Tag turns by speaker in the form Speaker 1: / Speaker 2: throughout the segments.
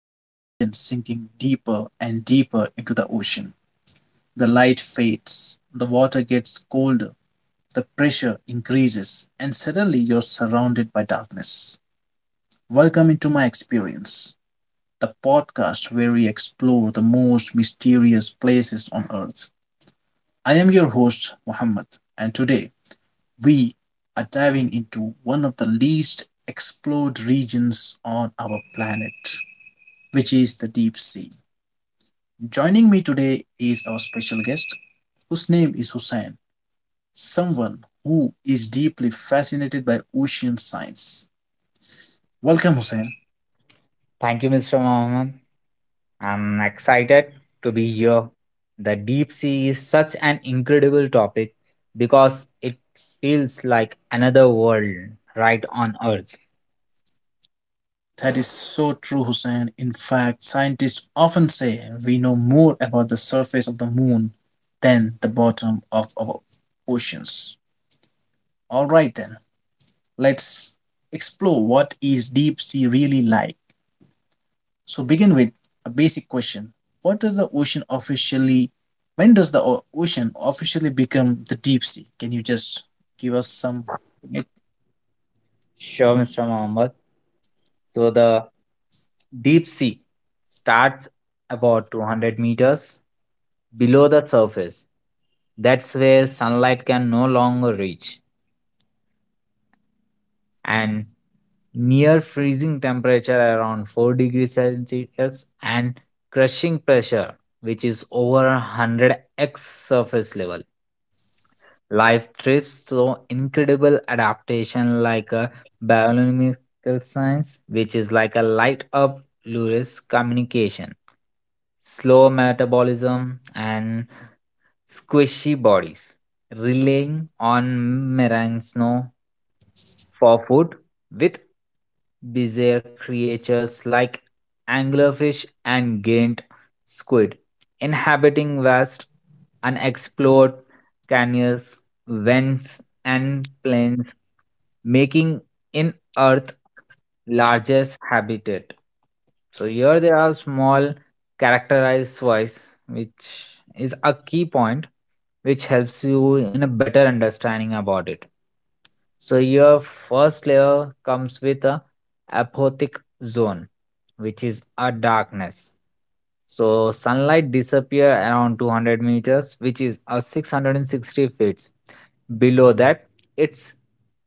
Speaker 1: and imagine sinking deeper and deeper into the ocean. The light fades, the water gets colder, the pressure increases, and suddenly you're surrounded by darkness. Welcome into my experience, the podcast where we explore the most mysterious places on earth. I am your host, Muhammad, and today we are diving into one of the least explored regions on our planet, which is the deep sea. Joining me today is our special guest, whose name is Hussein, someone who is deeply fascinated by ocean science. Welcome, Hussein.
Speaker 2: Thank you, Mr. Mohammed. I'm excited to be here. The deep sea is such an incredible topic because it feels like another world right on Earth.
Speaker 1: That is so true, Hussein. In fact, scientists often say we know more about the surface of the moon than the bottom of our oceans. All right, then, let's explore what is deep sea really like. So begin with a basic question. What does the ocean officially, when does the ocean officially become the deep sea? Can you just give us some.
Speaker 2: Sure, Mr. Mohammed. So, the deep sea starts about 200 meters below the surface. That's where sunlight can no longer reach. And near freezing temperature around 4 degrees Celsius, and crushing pressure which is over 100x surface level. Life thrives through incredible adaptation like a biological science, which is like a light up luris communication, slow metabolism, and squishy bodies, relying on meringue snow for food, with bizarre creatures like anglerfish and giant squid inhabiting vast unexplored canyons, vents, and plains, making in Earth largest habitat. So here there are small characterized wise, which is a key point, which helps you in a better understanding about it. So your first layer comes with a apothic zone, which is a darkness. So sunlight disappear around 200 meters, which is a 660 feet. Below that, it's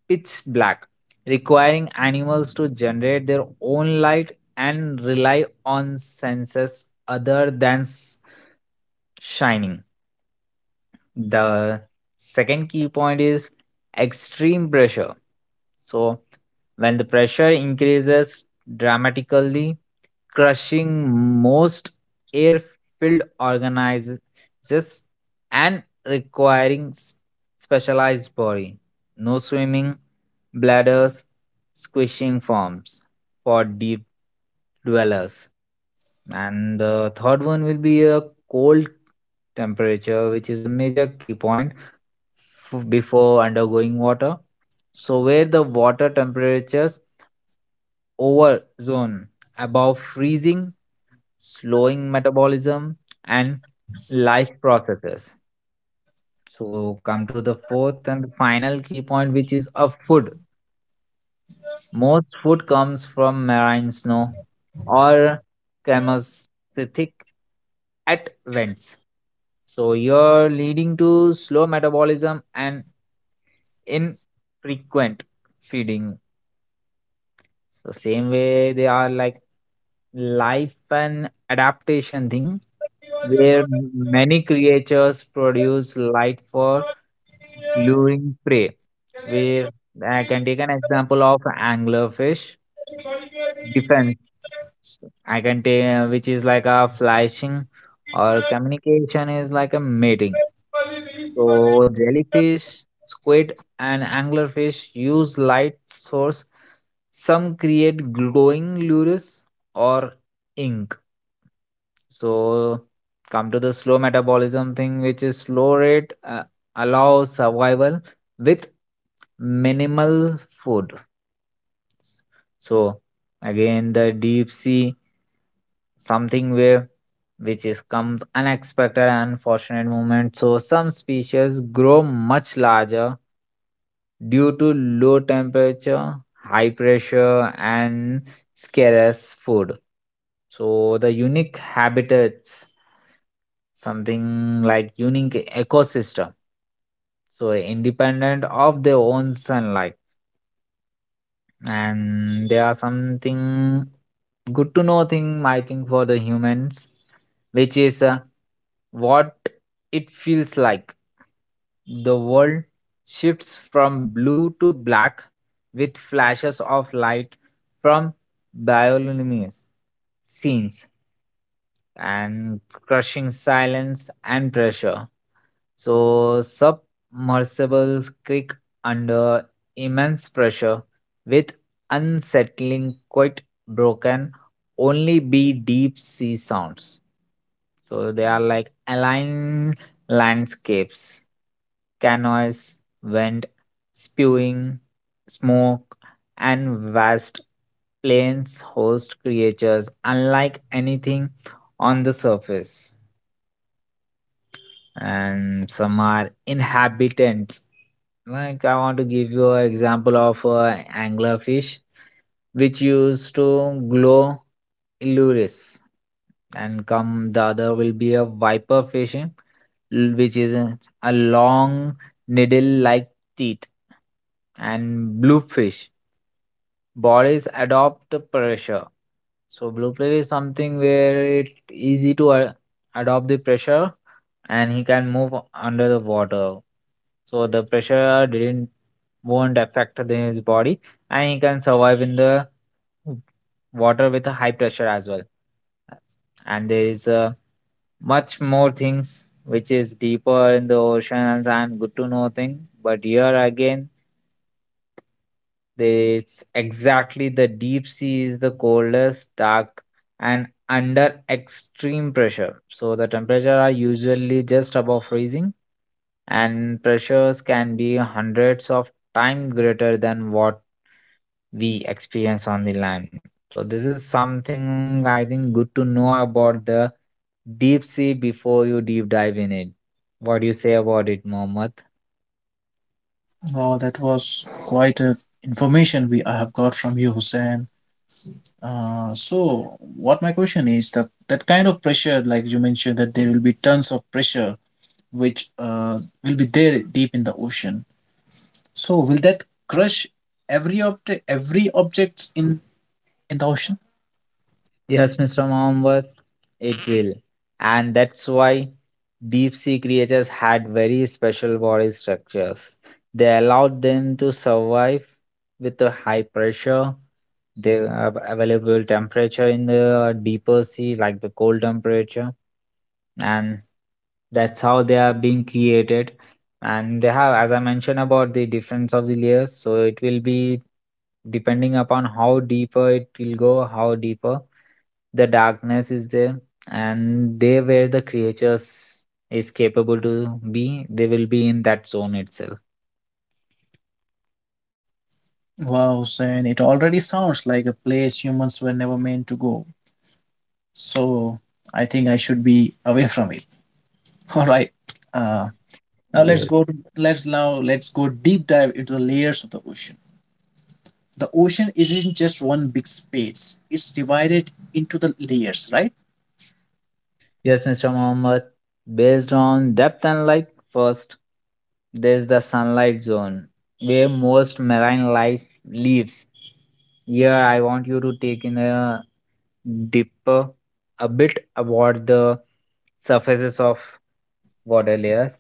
Speaker 2: pitch black, requiring animals to generate their own light and rely on senses other than shining. The second key point is extreme pressure. So, when the pressure increases dramatically, crushing most air filled organisms and requiring specialized body. No swimming, bladders, squishing forms for deep dwellers. And the third one will be a cold temperature, which is a major key point before undergoing water. So, where the water temperatures over zone above freezing, slowing metabolism and life processes. So, come to the fourth and final key point, which is a food. Most food comes from marine snow or chemosynthetic at vents. So you're leading to slow metabolism and infrequent feeding. So same way they are like life and adaptation thing where many creatures produce light for luring prey. Where I can take an example of anglerfish defense. So I can take which is like a flashing, or communication is like a mating. So jellyfish, squid, and anglerfish use light source. Some create glowing lures or ink. So come to the slow metabolism thing, which is slow rate allows survival with minimal food. So again, the deep sea something where which is comes unexpected and fortunate moment. So some species grow much larger due to low temperature, high pressure, and scarce food. So the unique habitats, something like unique ecosystem, so independent of their own sunlight, and there are something good to know thing I think for the humans, which is what it feels like. The world shifts from blue to black with flashes of light from bioluminescence scenes and crushing silence and pressure. So, submersibles creak under immense pressure with unsettling, quite broken, only be deep sea sounds. So, they are like aligned landscapes, canoes, wind, spewing smoke, and vast plains host creatures unlike anything on the surface and some are inhabitants. Like I want to give you an example of anglerfish, which used to glow illuris, and come the other will be a viper fishing, which is a long needle-like teeth, and bluefish. Bodies adopt pressure. So blue Blueprint is something where it easy to adopt the pressure and he can move under the water. So the pressure didn't won't affect the- his body and he can survive in the water with a high pressure as well. And there is much more things which is deeper in the oceans and good to know thing. But here again it's exactly the deep sea is the coldest, dark, and under extreme pressure. So the temperature are usually just above freezing, and pressures can be hundreds of times greater than what we experience on the land. So this is something I think good to know about the deep sea before you deep dive in it. What do you say about it, Mohammed?
Speaker 1: Wow, that was quite a information we I have got from you, Hussein. So what my question is that that kind of pressure, like you mentioned, that there will be tons of pressure which will be there deep in the ocean. So will that crush every object, every objects in the ocean?
Speaker 2: Yes, Mr. Mohammed, it will. And that's why deep sea creatures had very special body structures. They allowed them to survive with the high pressure, the available temperature in the deeper sea, like the cold temperature. And that's how they are being created. And they have, as I mentioned about the difference of the layers, so it will be depending upon how deeper it will go, how deeper the darkness is there and they where the creatures is capable to be they will be in that zone itself.
Speaker 1: Wow, Sen, it already sounds like a place humans were never meant to go. So I think I should be away from it. All right. Uh, Now let's
Speaker 2: Yes.
Speaker 1: go. Let's now let's go deep dive into the layers of the ocean. The ocean isn't just one big space. It's divided into the layers, right?
Speaker 2: Yes, Mr. Mohammed, based on depth and light. First, there's the sunlight zone where most marine life lives. Here I want you to take in a deeper a bit about the surfaces of water layers.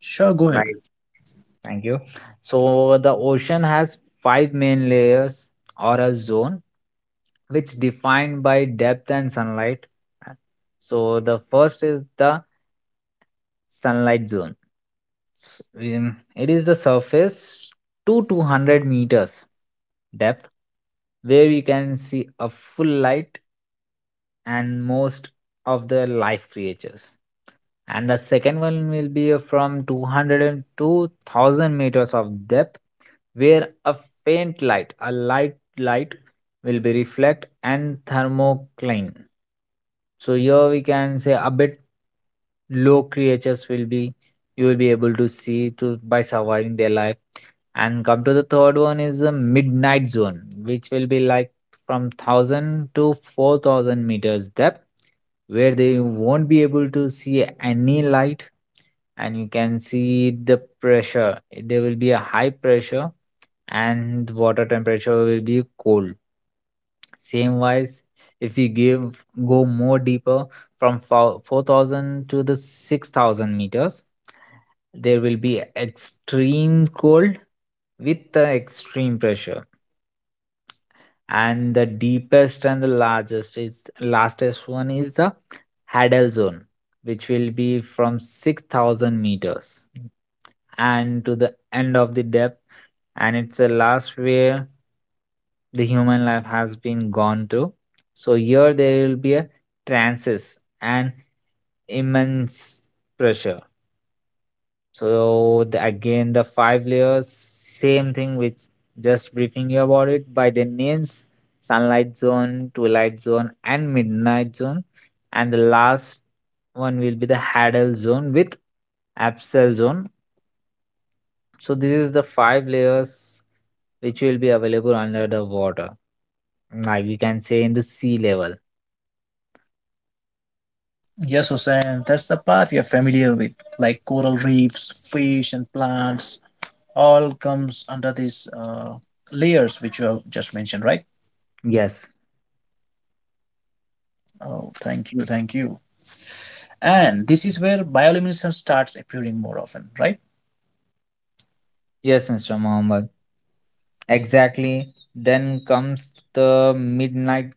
Speaker 1: Sure, go ahead.
Speaker 2: Like, thank you. So the ocean has five main layers or a zone, which defined by depth and sunlight. So the first is the sunlight zone. It is the surface to 200 meters depth where you can see a full light and most of the life creatures. And the second one will be from 200 and 2000 meters of depth where a faint light, a light will be reflect and thermocline. So here we can say a bit low creatures will be you will be able to see to by surviving their life. And come to the third one is the midnight zone, which will be like from 1,000 to 4,000 meters depth, where they won't be able to see any light and you can see the pressure. There will be a high pressure and water temperature will be cold. Same wise, if we give go more deeper from 4000 to the 6000 meters, there will be extreme cold with the extreme pressure. And the deepest and the largest is lastest one is the Hadal zone, which will be from 6000 meters and to the end of the depth and it's the last where the human life has been gone through. So here there will be a transis and immense pressure. So the, again the five layers same thing with just briefing you about it by the names: sunlight zone, twilight zone, and midnight zone, and the last one will be the Hadal zone with Absel zone. So this is the five layers which will be available under the water. Like we can say in the sea level.
Speaker 1: Yes, Hussein, that's the part you're familiar with, like coral reefs, fish, and plants. All comes under these layers which you have just mentioned, right?
Speaker 2: Yes.
Speaker 1: Oh, thank you, thank you. And this is where bioluminescence starts appearing more often, right?
Speaker 2: Yes, Mr. Mohammed. Exactly. Then comes the midnight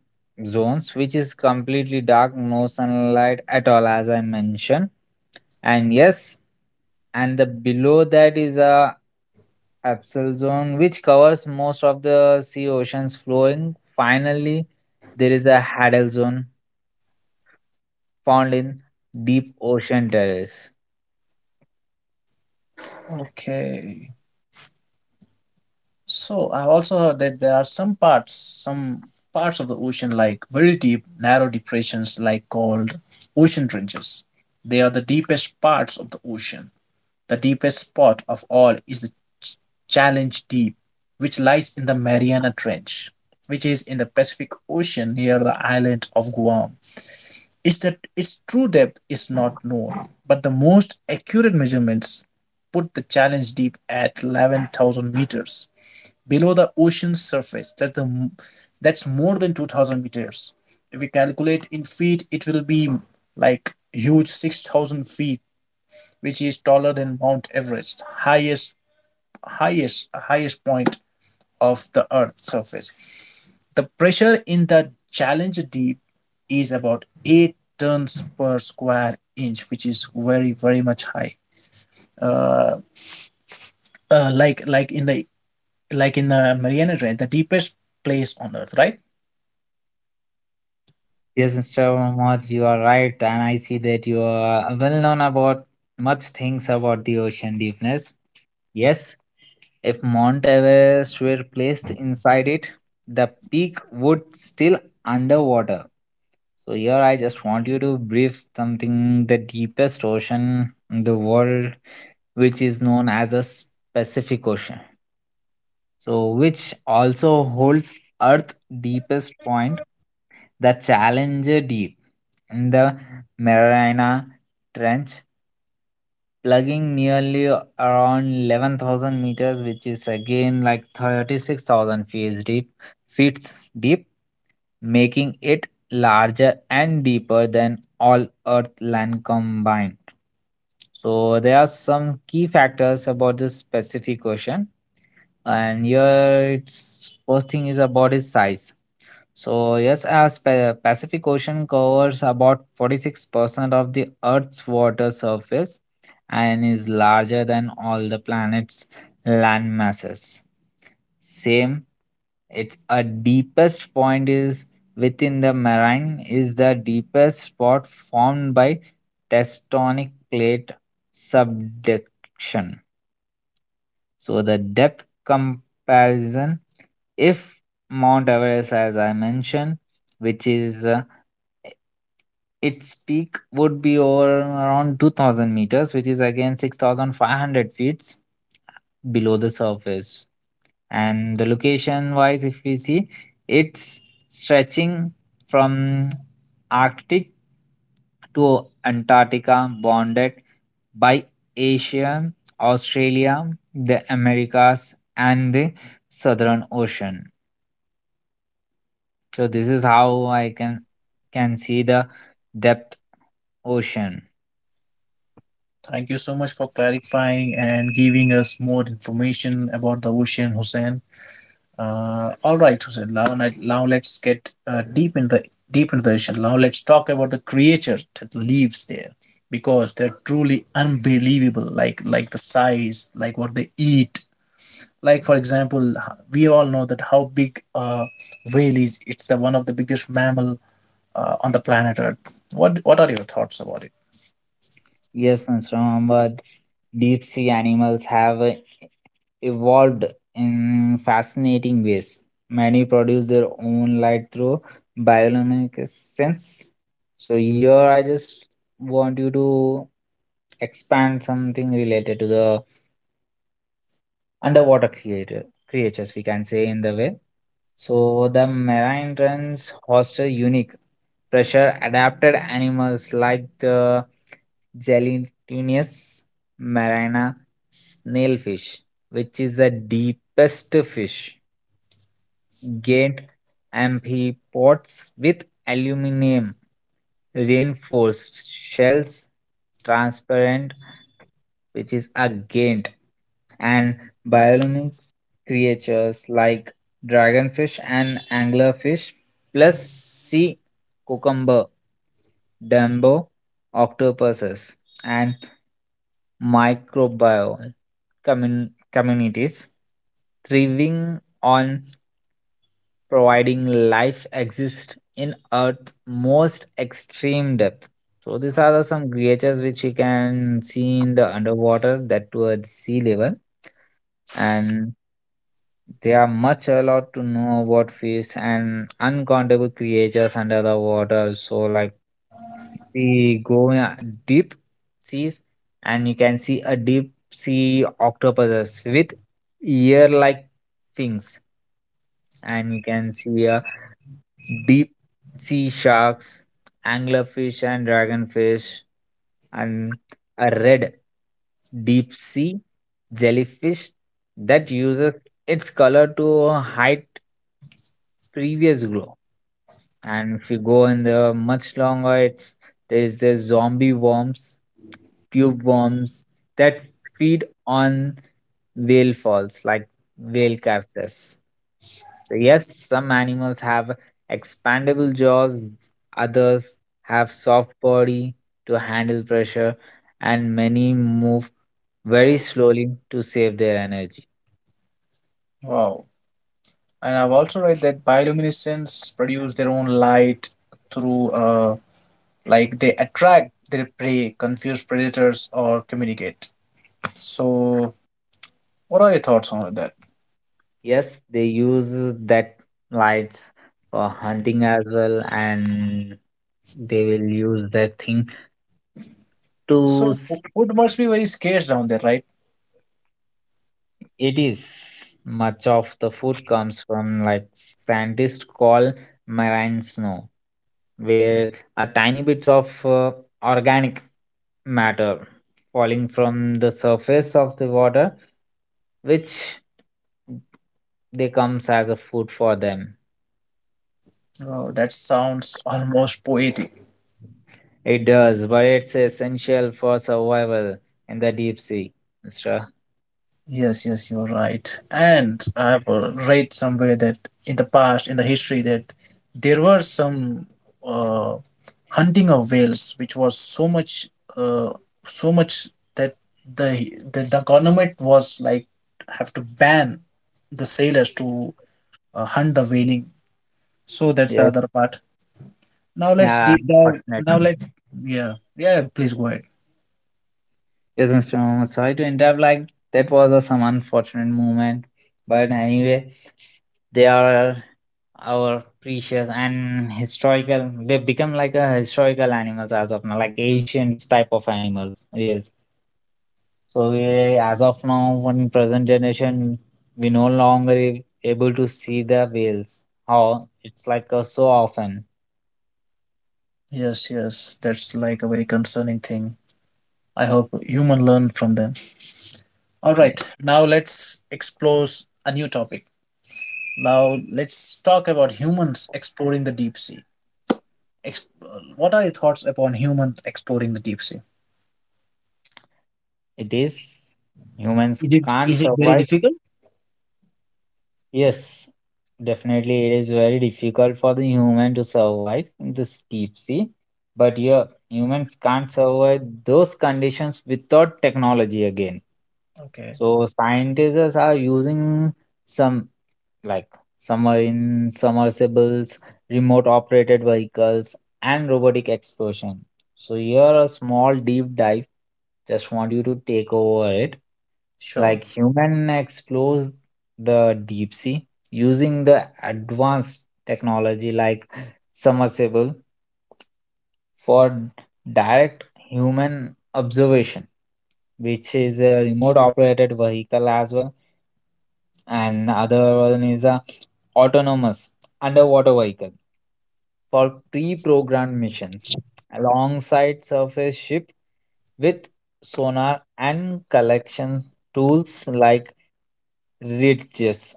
Speaker 2: zones, which is completely dark, no sunlight at all, as I mentioned. And yes, and the below that is a absal zone, which covers most of the sea oceans flowing. Finally, there is a hadal zone, found in deep ocean terrace.
Speaker 1: Okay. So I've also heard that there are some parts of the ocean, like very deep, narrow depressions, like called ocean trenches. They are the deepest parts of the ocean. The deepest spot of all is the Challenge Deep, which lies in the Mariana Trench, which is in the Pacific Ocean near the island of Guam. Is that its true depth is not known, but the most accurate measurements put the challenge deep at 11,000 meters below the ocean's surface. That's more than 2,000 meters. If we calculate in feet, it will be like huge 6,000 feet, which is taller than Mount Everest, highest point of the Earth's surface. The pressure in the Challenger Deep is about 8 tons per square inch, which is very, very much high. Uh, uh, like like in the like in the Mariana Trench, the deepest place on Earth, right?
Speaker 2: Yes, Mr. Mohammed, you are right, and I see that you are well known about much things about the ocean deepness. Yes, if Mount Everest were placed inside it, the peak would still underwater. So here I just want you to brief something the deepest ocean in the world, which is known as the Pacific Ocean. So, which also holds Earth's deepest point, the Challenger Deep, in the Mariana Trench, plugging nearly around 11,000 meters, which is again like 36,000 feet deep, making it larger and deeper than all Earth land combined. So there are some key factors about this specific question, and here it's first thing is about its size. So, yes, as Pacific Ocean covers about 46% of the Earth's water surface and is larger than all the planet's land masses. Same, its a deepest point is within the marine is the deepest spot formed by tectonic plate subduction. So the depth comparison, if Mount Everest, as I mentioned, which is its peak would be over around 2000 meters, which is again 6500 feet below the surface. And the location wise, if we see, it's stretching from Arctic to Antarctica, bounded by Asia, Australia, the Americas, and the Southern Ocean. So this is how I can see the depth ocean.
Speaker 1: Thank you so much for clarifying and giving us more information about the ocean, Hussein. All right, Hussein. Now let's get deep into the issue. Now let's talk about the creature that lives there because they're truly unbelievable. Like the size, like what they eat. Like for example, we all know that how big whale is. It's the one of the biggest mammal on the planet Earth. What are your thoughts about it?
Speaker 2: Yes, Mr. Muhammad, deep sea animals have a evolved in fascinating ways. Many produce their own light through bioluminescence. So here I just want you to expand something related to the underwater creatures, we can say in the way. So the marine terns host a unique pressure adapted animals like the gelatinous marina snailfish, which is the deepest fish. Get amphipods with aluminum reinforced shells, transparent, which is a Ghent, and bioluminescent creatures like dragonfish and anglerfish, plus sea cucumber, dumbo, octopuses, and microbial communities thriving on providing life exists in Earth's most extreme depth. So these are the some creatures which you can see in the underwater that towards sea level, and they are much a lot to know about fish and uncountable creatures under the water. So like we go in a deep seas and you can see a deep sea octopuses with ear like fins and you can see a deep sea sharks, anglerfish and dragonfish, and a red deep sea jellyfish that uses its color to hide previous glow. And if you go in the much longer, it's there's the zombie worms, tube worms that feed on whale falls, like whale carcasses. So yes, some animals have expandable jaws, others have soft body to handle pressure, and many move very slowly to save their energy.
Speaker 1: Wow. And I've also read that bioluminescence produce their own light through like they attract their prey, confuse predators, or communicate. So, what are your thoughts on that?
Speaker 2: Yes, they use that lights for hunting as well, and they will use that thing
Speaker 1: So,
Speaker 2: to. s-
Speaker 1: food must be very scarce down there, right?
Speaker 2: It is much of the food comes from like scientists call marine snow, where a tiny bits of organic matter falling from the surface of the water, which they comes as a food for them.
Speaker 1: Oh, that sounds almost poetic.
Speaker 2: It does, but it's essential for survival in the deep sea, Mr.
Speaker 1: Yes, yes, you're right. And I have read somewhere that in the past, in the history, that there were some uh, hunting of whales, which was so much, uh, so much that the government was like have to ban the sailors to hunt the whaling. So that's the
Speaker 2: Yes.
Speaker 1: other part. Now let's
Speaker 2: Yeah,
Speaker 1: deep dive. Now
Speaker 2: unfortunately.
Speaker 1: let's, yeah, yeah. Please go ahead.
Speaker 2: Yes, Mr. Mohammed, sorry to interrupt. Like, that was some unfortunate moment. But anyway, they are our precious and historical. They become like a historical animals as of now, like ancient type of animals. Yes. So we, as of now, in present generation, we no longer able to see the whales. How it's like so often.
Speaker 1: Yes, yes, that's like a very concerning thing. I hope human learn from them. All right,
Speaker 2: Yes,
Speaker 1: now let's explore a new topic. Now let's talk about humans exploring the deep sea. Ex- what are your thoughts upon humans exploring the deep sea?
Speaker 2: it is. Humans
Speaker 1: Is it
Speaker 2: can't
Speaker 1: is it very
Speaker 2: survive.
Speaker 1: difficult?
Speaker 2: Yes, definitely, it is very difficult for the human to survive in this deep sea. But yeah, humans can't survive those conditions without technology again.
Speaker 1: Okay,
Speaker 2: So scientists are using some like submarine submersibles, remote operated vehicles, and robotic explosion. So here a small deep dive. Just want you to take over it.
Speaker 1: sure.
Speaker 2: Like human explores the deep sea using the advanced technology like submersible for direct human observation, which is a remote operated vehicle as well and other one is a autonomous underwater vehicle for pre-programmed missions alongside surface ship with sonar and collection tools like ridges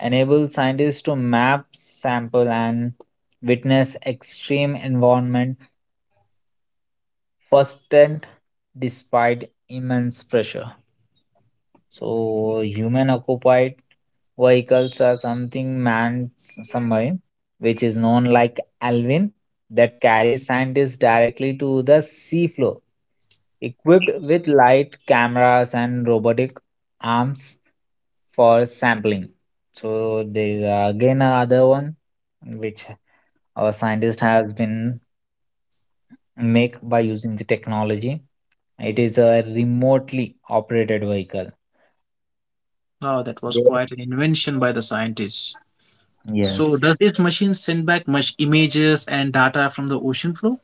Speaker 2: enable scientists to map sample and witness extreme environment firsthand despite immense pressure. So, human occupied vehicles are something manned submarine, which is known like Alvin, that carries scientists directly to the seafloor. Equipped with light cameras and robotic arms for sampling. So, there is again another one which our scientist has been make by using the technology. It is a remotely operated vehicle.
Speaker 1: Wow, that was
Speaker 2: Where-
Speaker 1: quite an invention by the scientists. So,
Speaker 2: Yes.
Speaker 1: does this machine send back much images and data from the ocean floor?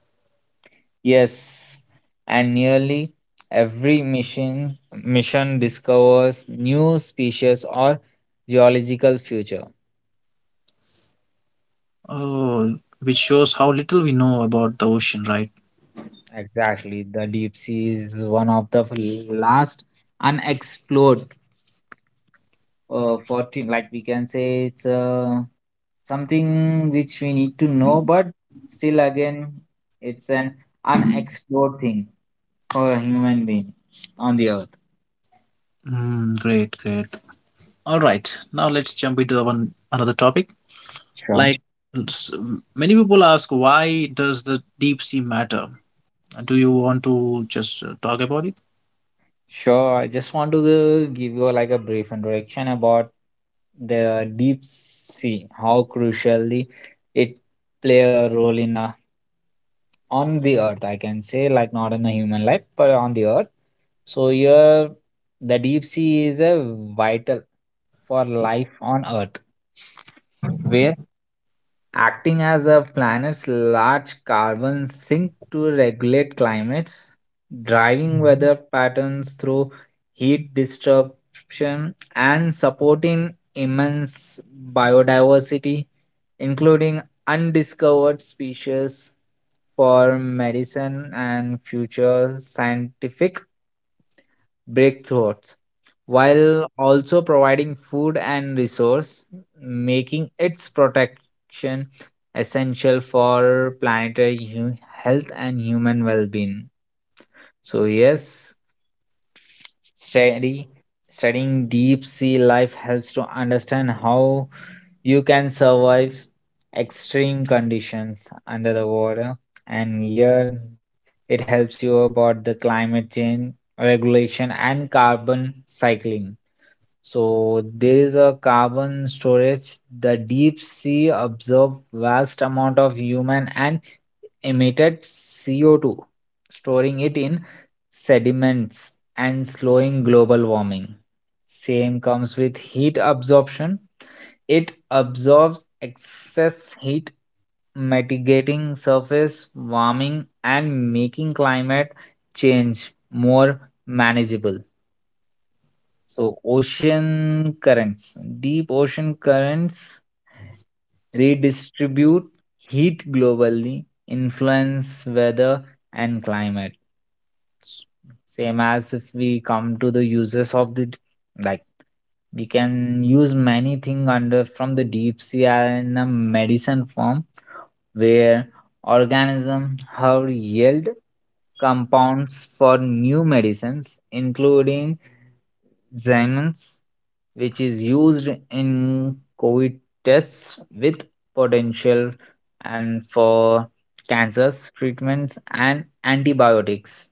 Speaker 2: Yes, and nearly every mission discovers new species or geological future.
Speaker 1: Oh, which shows how little we know about the ocean, right?
Speaker 2: Exactly, the deep sea is one of the last unexplored 14, like we can say it's something which we need to know but still again it's an unexplored thing for a human being on the earth.
Speaker 1: Mm, great, great. All right, now let's jump into the one another topic.
Speaker 2: Sure.
Speaker 1: Like s- Many people ask, why does the deep sea matter? Do you want to just talk about it?
Speaker 2: Sure, I just want to give you like a brief introduction about the deep sea, how crucially it play a role in a, on the earth, I can say, like not in the human life, but on the earth. So here, the deep sea is a vital for life on earth, where acting as a planet's large carbon sink to regulate climates, driving weather patterns through heat disruption, and supporting immense biodiversity, including undiscovered species for medicine and future scientific breakthroughs while also providing food and resource, making its protection essential for planetary health and human well-being. So yes, study studying deep sea life helps to understand how you can survive extreme conditions under the water and here it helps you about the climate change regulation and carbon cycling. So there is a carbon storage. The deep sea absorb vast amount of human and emitted CO2, storing it in sediments and slowing global warming. Same comes with heat absorption. It absorbs excess heat, mitigating surface warming and making climate change more manageable. So, ocean currents, deep ocean currents redistribute heat globally, influence weather and climate. S- Same as if we come to the uses of the like we can use many things under from the deep sea in a medicine form where organism have yield compounds for new medicines including Xiemens, which is used in COVID tests with potential and for cancers treatments and antibiotics.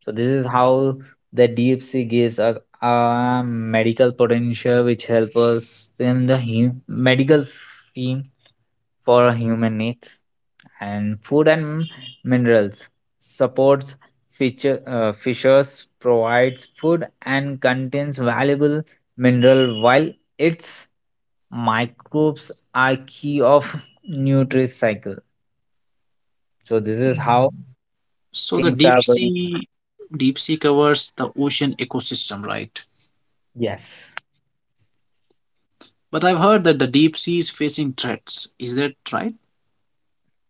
Speaker 2: So this is how the DFC gives us a medical potential which helps us in the medical field for human needs and food and minerals supports feature, fishers provides food and contains valuable mineral while its microbes are key of nutrition cycle, so this is how
Speaker 1: So the
Speaker 2: things
Speaker 1: deep
Speaker 2: are going.
Speaker 1: sea, Deep sea covers the ocean ecosystem, right?
Speaker 2: Yes.
Speaker 1: But I've heard that the deep sea is facing threats. Is that right?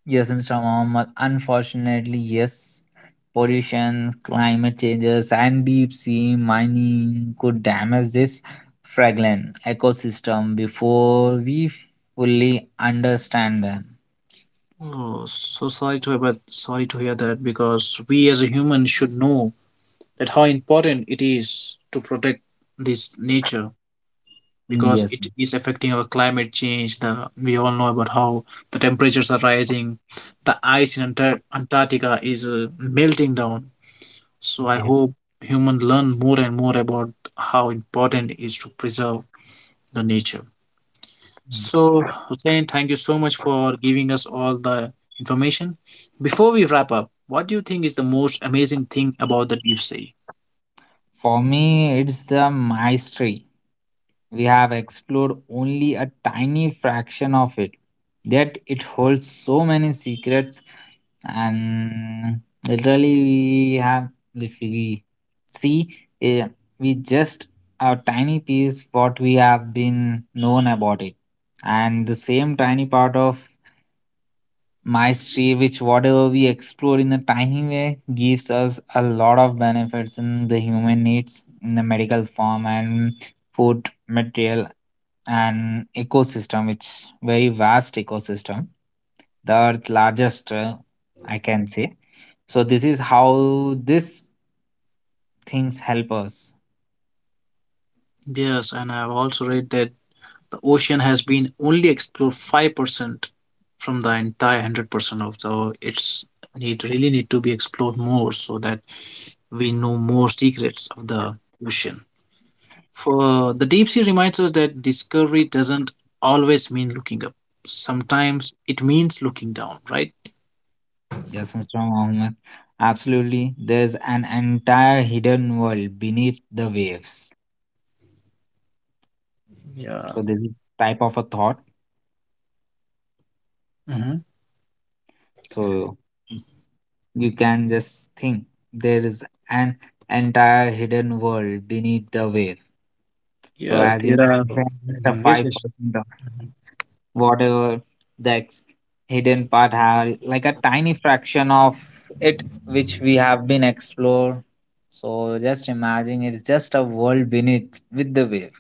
Speaker 2: Yes, Mr. Muhammad. Unfortunately, yes, pollution, climate changes, and deep sea mining could damage this fragile ecosystem before we fully understand them.
Speaker 1: Oh, so sorry to hear, but sorry to hear that because we as a human should know that how important it is to protect this nature because
Speaker 2: Yes,
Speaker 1: it is affecting our climate change. The We all know about how the temperatures are rising, the ice in Antarctica is melting down. So I
Speaker 2: yes.
Speaker 1: hope humans learn more and more about how important it is to preserve the nature.
Speaker 2: Yes.
Speaker 1: So Hussein, thank you so much for giving us all the information. Before we wrap up, what do you think is the most amazing thing about the deep sea?
Speaker 2: For me, it's the mystery. We have explored only a tiny fraction of it, yet it holds so many secrets and literally we have if we see eh, we just a tiny piece what we have been known about it and the same tiny part of maestry which whatever we explore in a tiny way gives us a lot of benefits in the human needs in the medical form and food material and ecosystem which very vast ecosystem the earth largest I can say, so this is how these things help us.
Speaker 1: Yes, and I've also read that the ocean has been only explored 5% from the entire 100% of the it's need really need to be explored more so that we know more secrets of the ocean. For the deep sea reminds us that discovery doesn't always mean looking up. Sometimes it means looking down, right?
Speaker 2: Yes, Mr. Mohammed. Absolutely. There's an entire hidden world beneath the waves.
Speaker 1: Yeah.
Speaker 2: So this is type of a thought.
Speaker 1: Mhm.
Speaker 2: So you can just think there is an entire hidden world beneath the wave. So
Speaker 1: Yes,
Speaker 2: as
Speaker 1: there
Speaker 2: you
Speaker 1: are.
Speaker 2: mentioned, just a
Speaker 1: Mhm. Yes,
Speaker 2: five
Speaker 1: yes.
Speaker 2: percent whatever the hidden part have like a tiny fraction of it which we have been explored, so just imagine it's just a world beneath with the waves.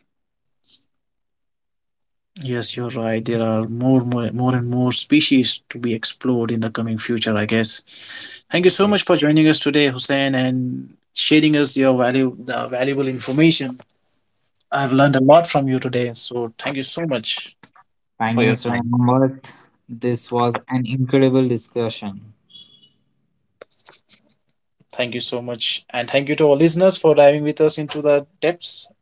Speaker 1: Yes, you're right. There are more species to be explored in the coming future, I guess. Thank you so
Speaker 2: Okay.
Speaker 1: much for joining us today, Hussein, and sharing us your value, the valuable information. I've learned a lot from you today, so thank you so much
Speaker 2: Thank
Speaker 1: for
Speaker 2: you,
Speaker 1: your
Speaker 2: Mr.
Speaker 1: time.
Speaker 2: Mohammed. This was an incredible discussion.
Speaker 1: Thank you so much, and thank you to all listeners for diving with us into the depths.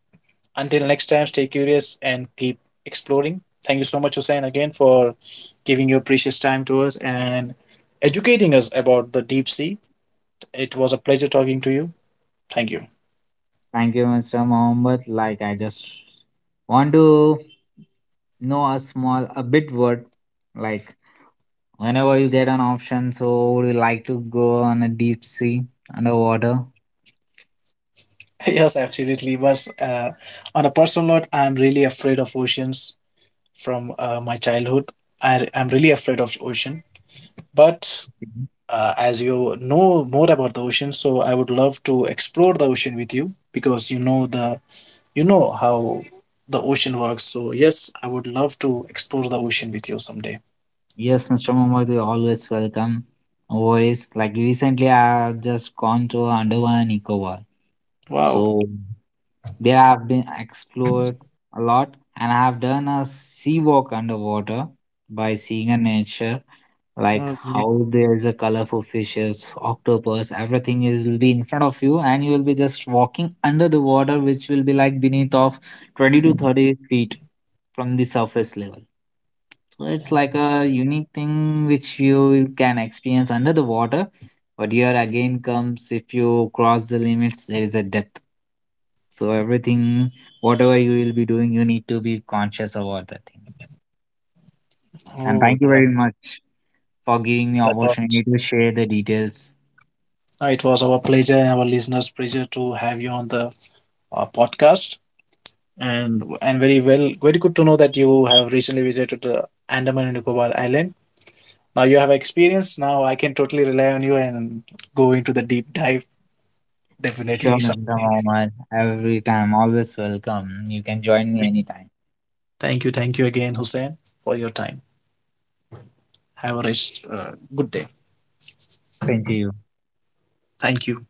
Speaker 1: Until next time, stay curious and keep exploring. Thank you so much, Hussein, again for giving your precious time to us and educating us about the deep sea. It was a pleasure talking to you. Thank you.
Speaker 2: Thank you, Mr. Mohammed. Like I just want to know a small a bit word, like whenever you get an option, so would you like to go on a deep sea underwater?
Speaker 1: Yes, absolutely. But on a personal note, I'm really afraid of oceans from my childhood. I'm really afraid of ocean. But as you know more about the ocean, so I would love to explore the ocean with you because you know how the ocean works. So yes, I would love to explore the ocean with you someday.
Speaker 2: Yes, Mr. Mohammed, you're always welcome. No worries. Like recently, I have just gone to Andaman and Nicobar.
Speaker 1: Wow.
Speaker 2: So there I've been explored a lot, and I have done a sea walk underwater by seeing a nature, like
Speaker 1: Okay.
Speaker 2: how there is a colorful fishes octopus everything is will be in front of you and you will be just walking under the water which will be like beneath of 20 to 30 feet from the surface level, so it's like a unique thing which you can experience under the water, but here again comes if you cross the limits there is a depth, so everything whatever you will be doing you need to be conscious about that thing. And
Speaker 1: Oh,
Speaker 2: thank you
Speaker 1: that.
Speaker 2: very much for giving me
Speaker 1: That was
Speaker 2: opportunity to share the details.
Speaker 1: it was our pleasure and our listeners' pleasure to have you on the podcast, and very well, very good to know that you have recently visited Andaman and Nicobar Island. Now you have experience. Now I can totally rely on you and go into the deep dive
Speaker 2: Sure,
Speaker 1: definitely
Speaker 2: Mr.
Speaker 1: someday.
Speaker 2: Mohammed. Every time, always welcome. You can join me anytime.
Speaker 1: Thank you again, Hussein, for your time. Have a rest, good day.
Speaker 2: Thank you.
Speaker 1: Thank you.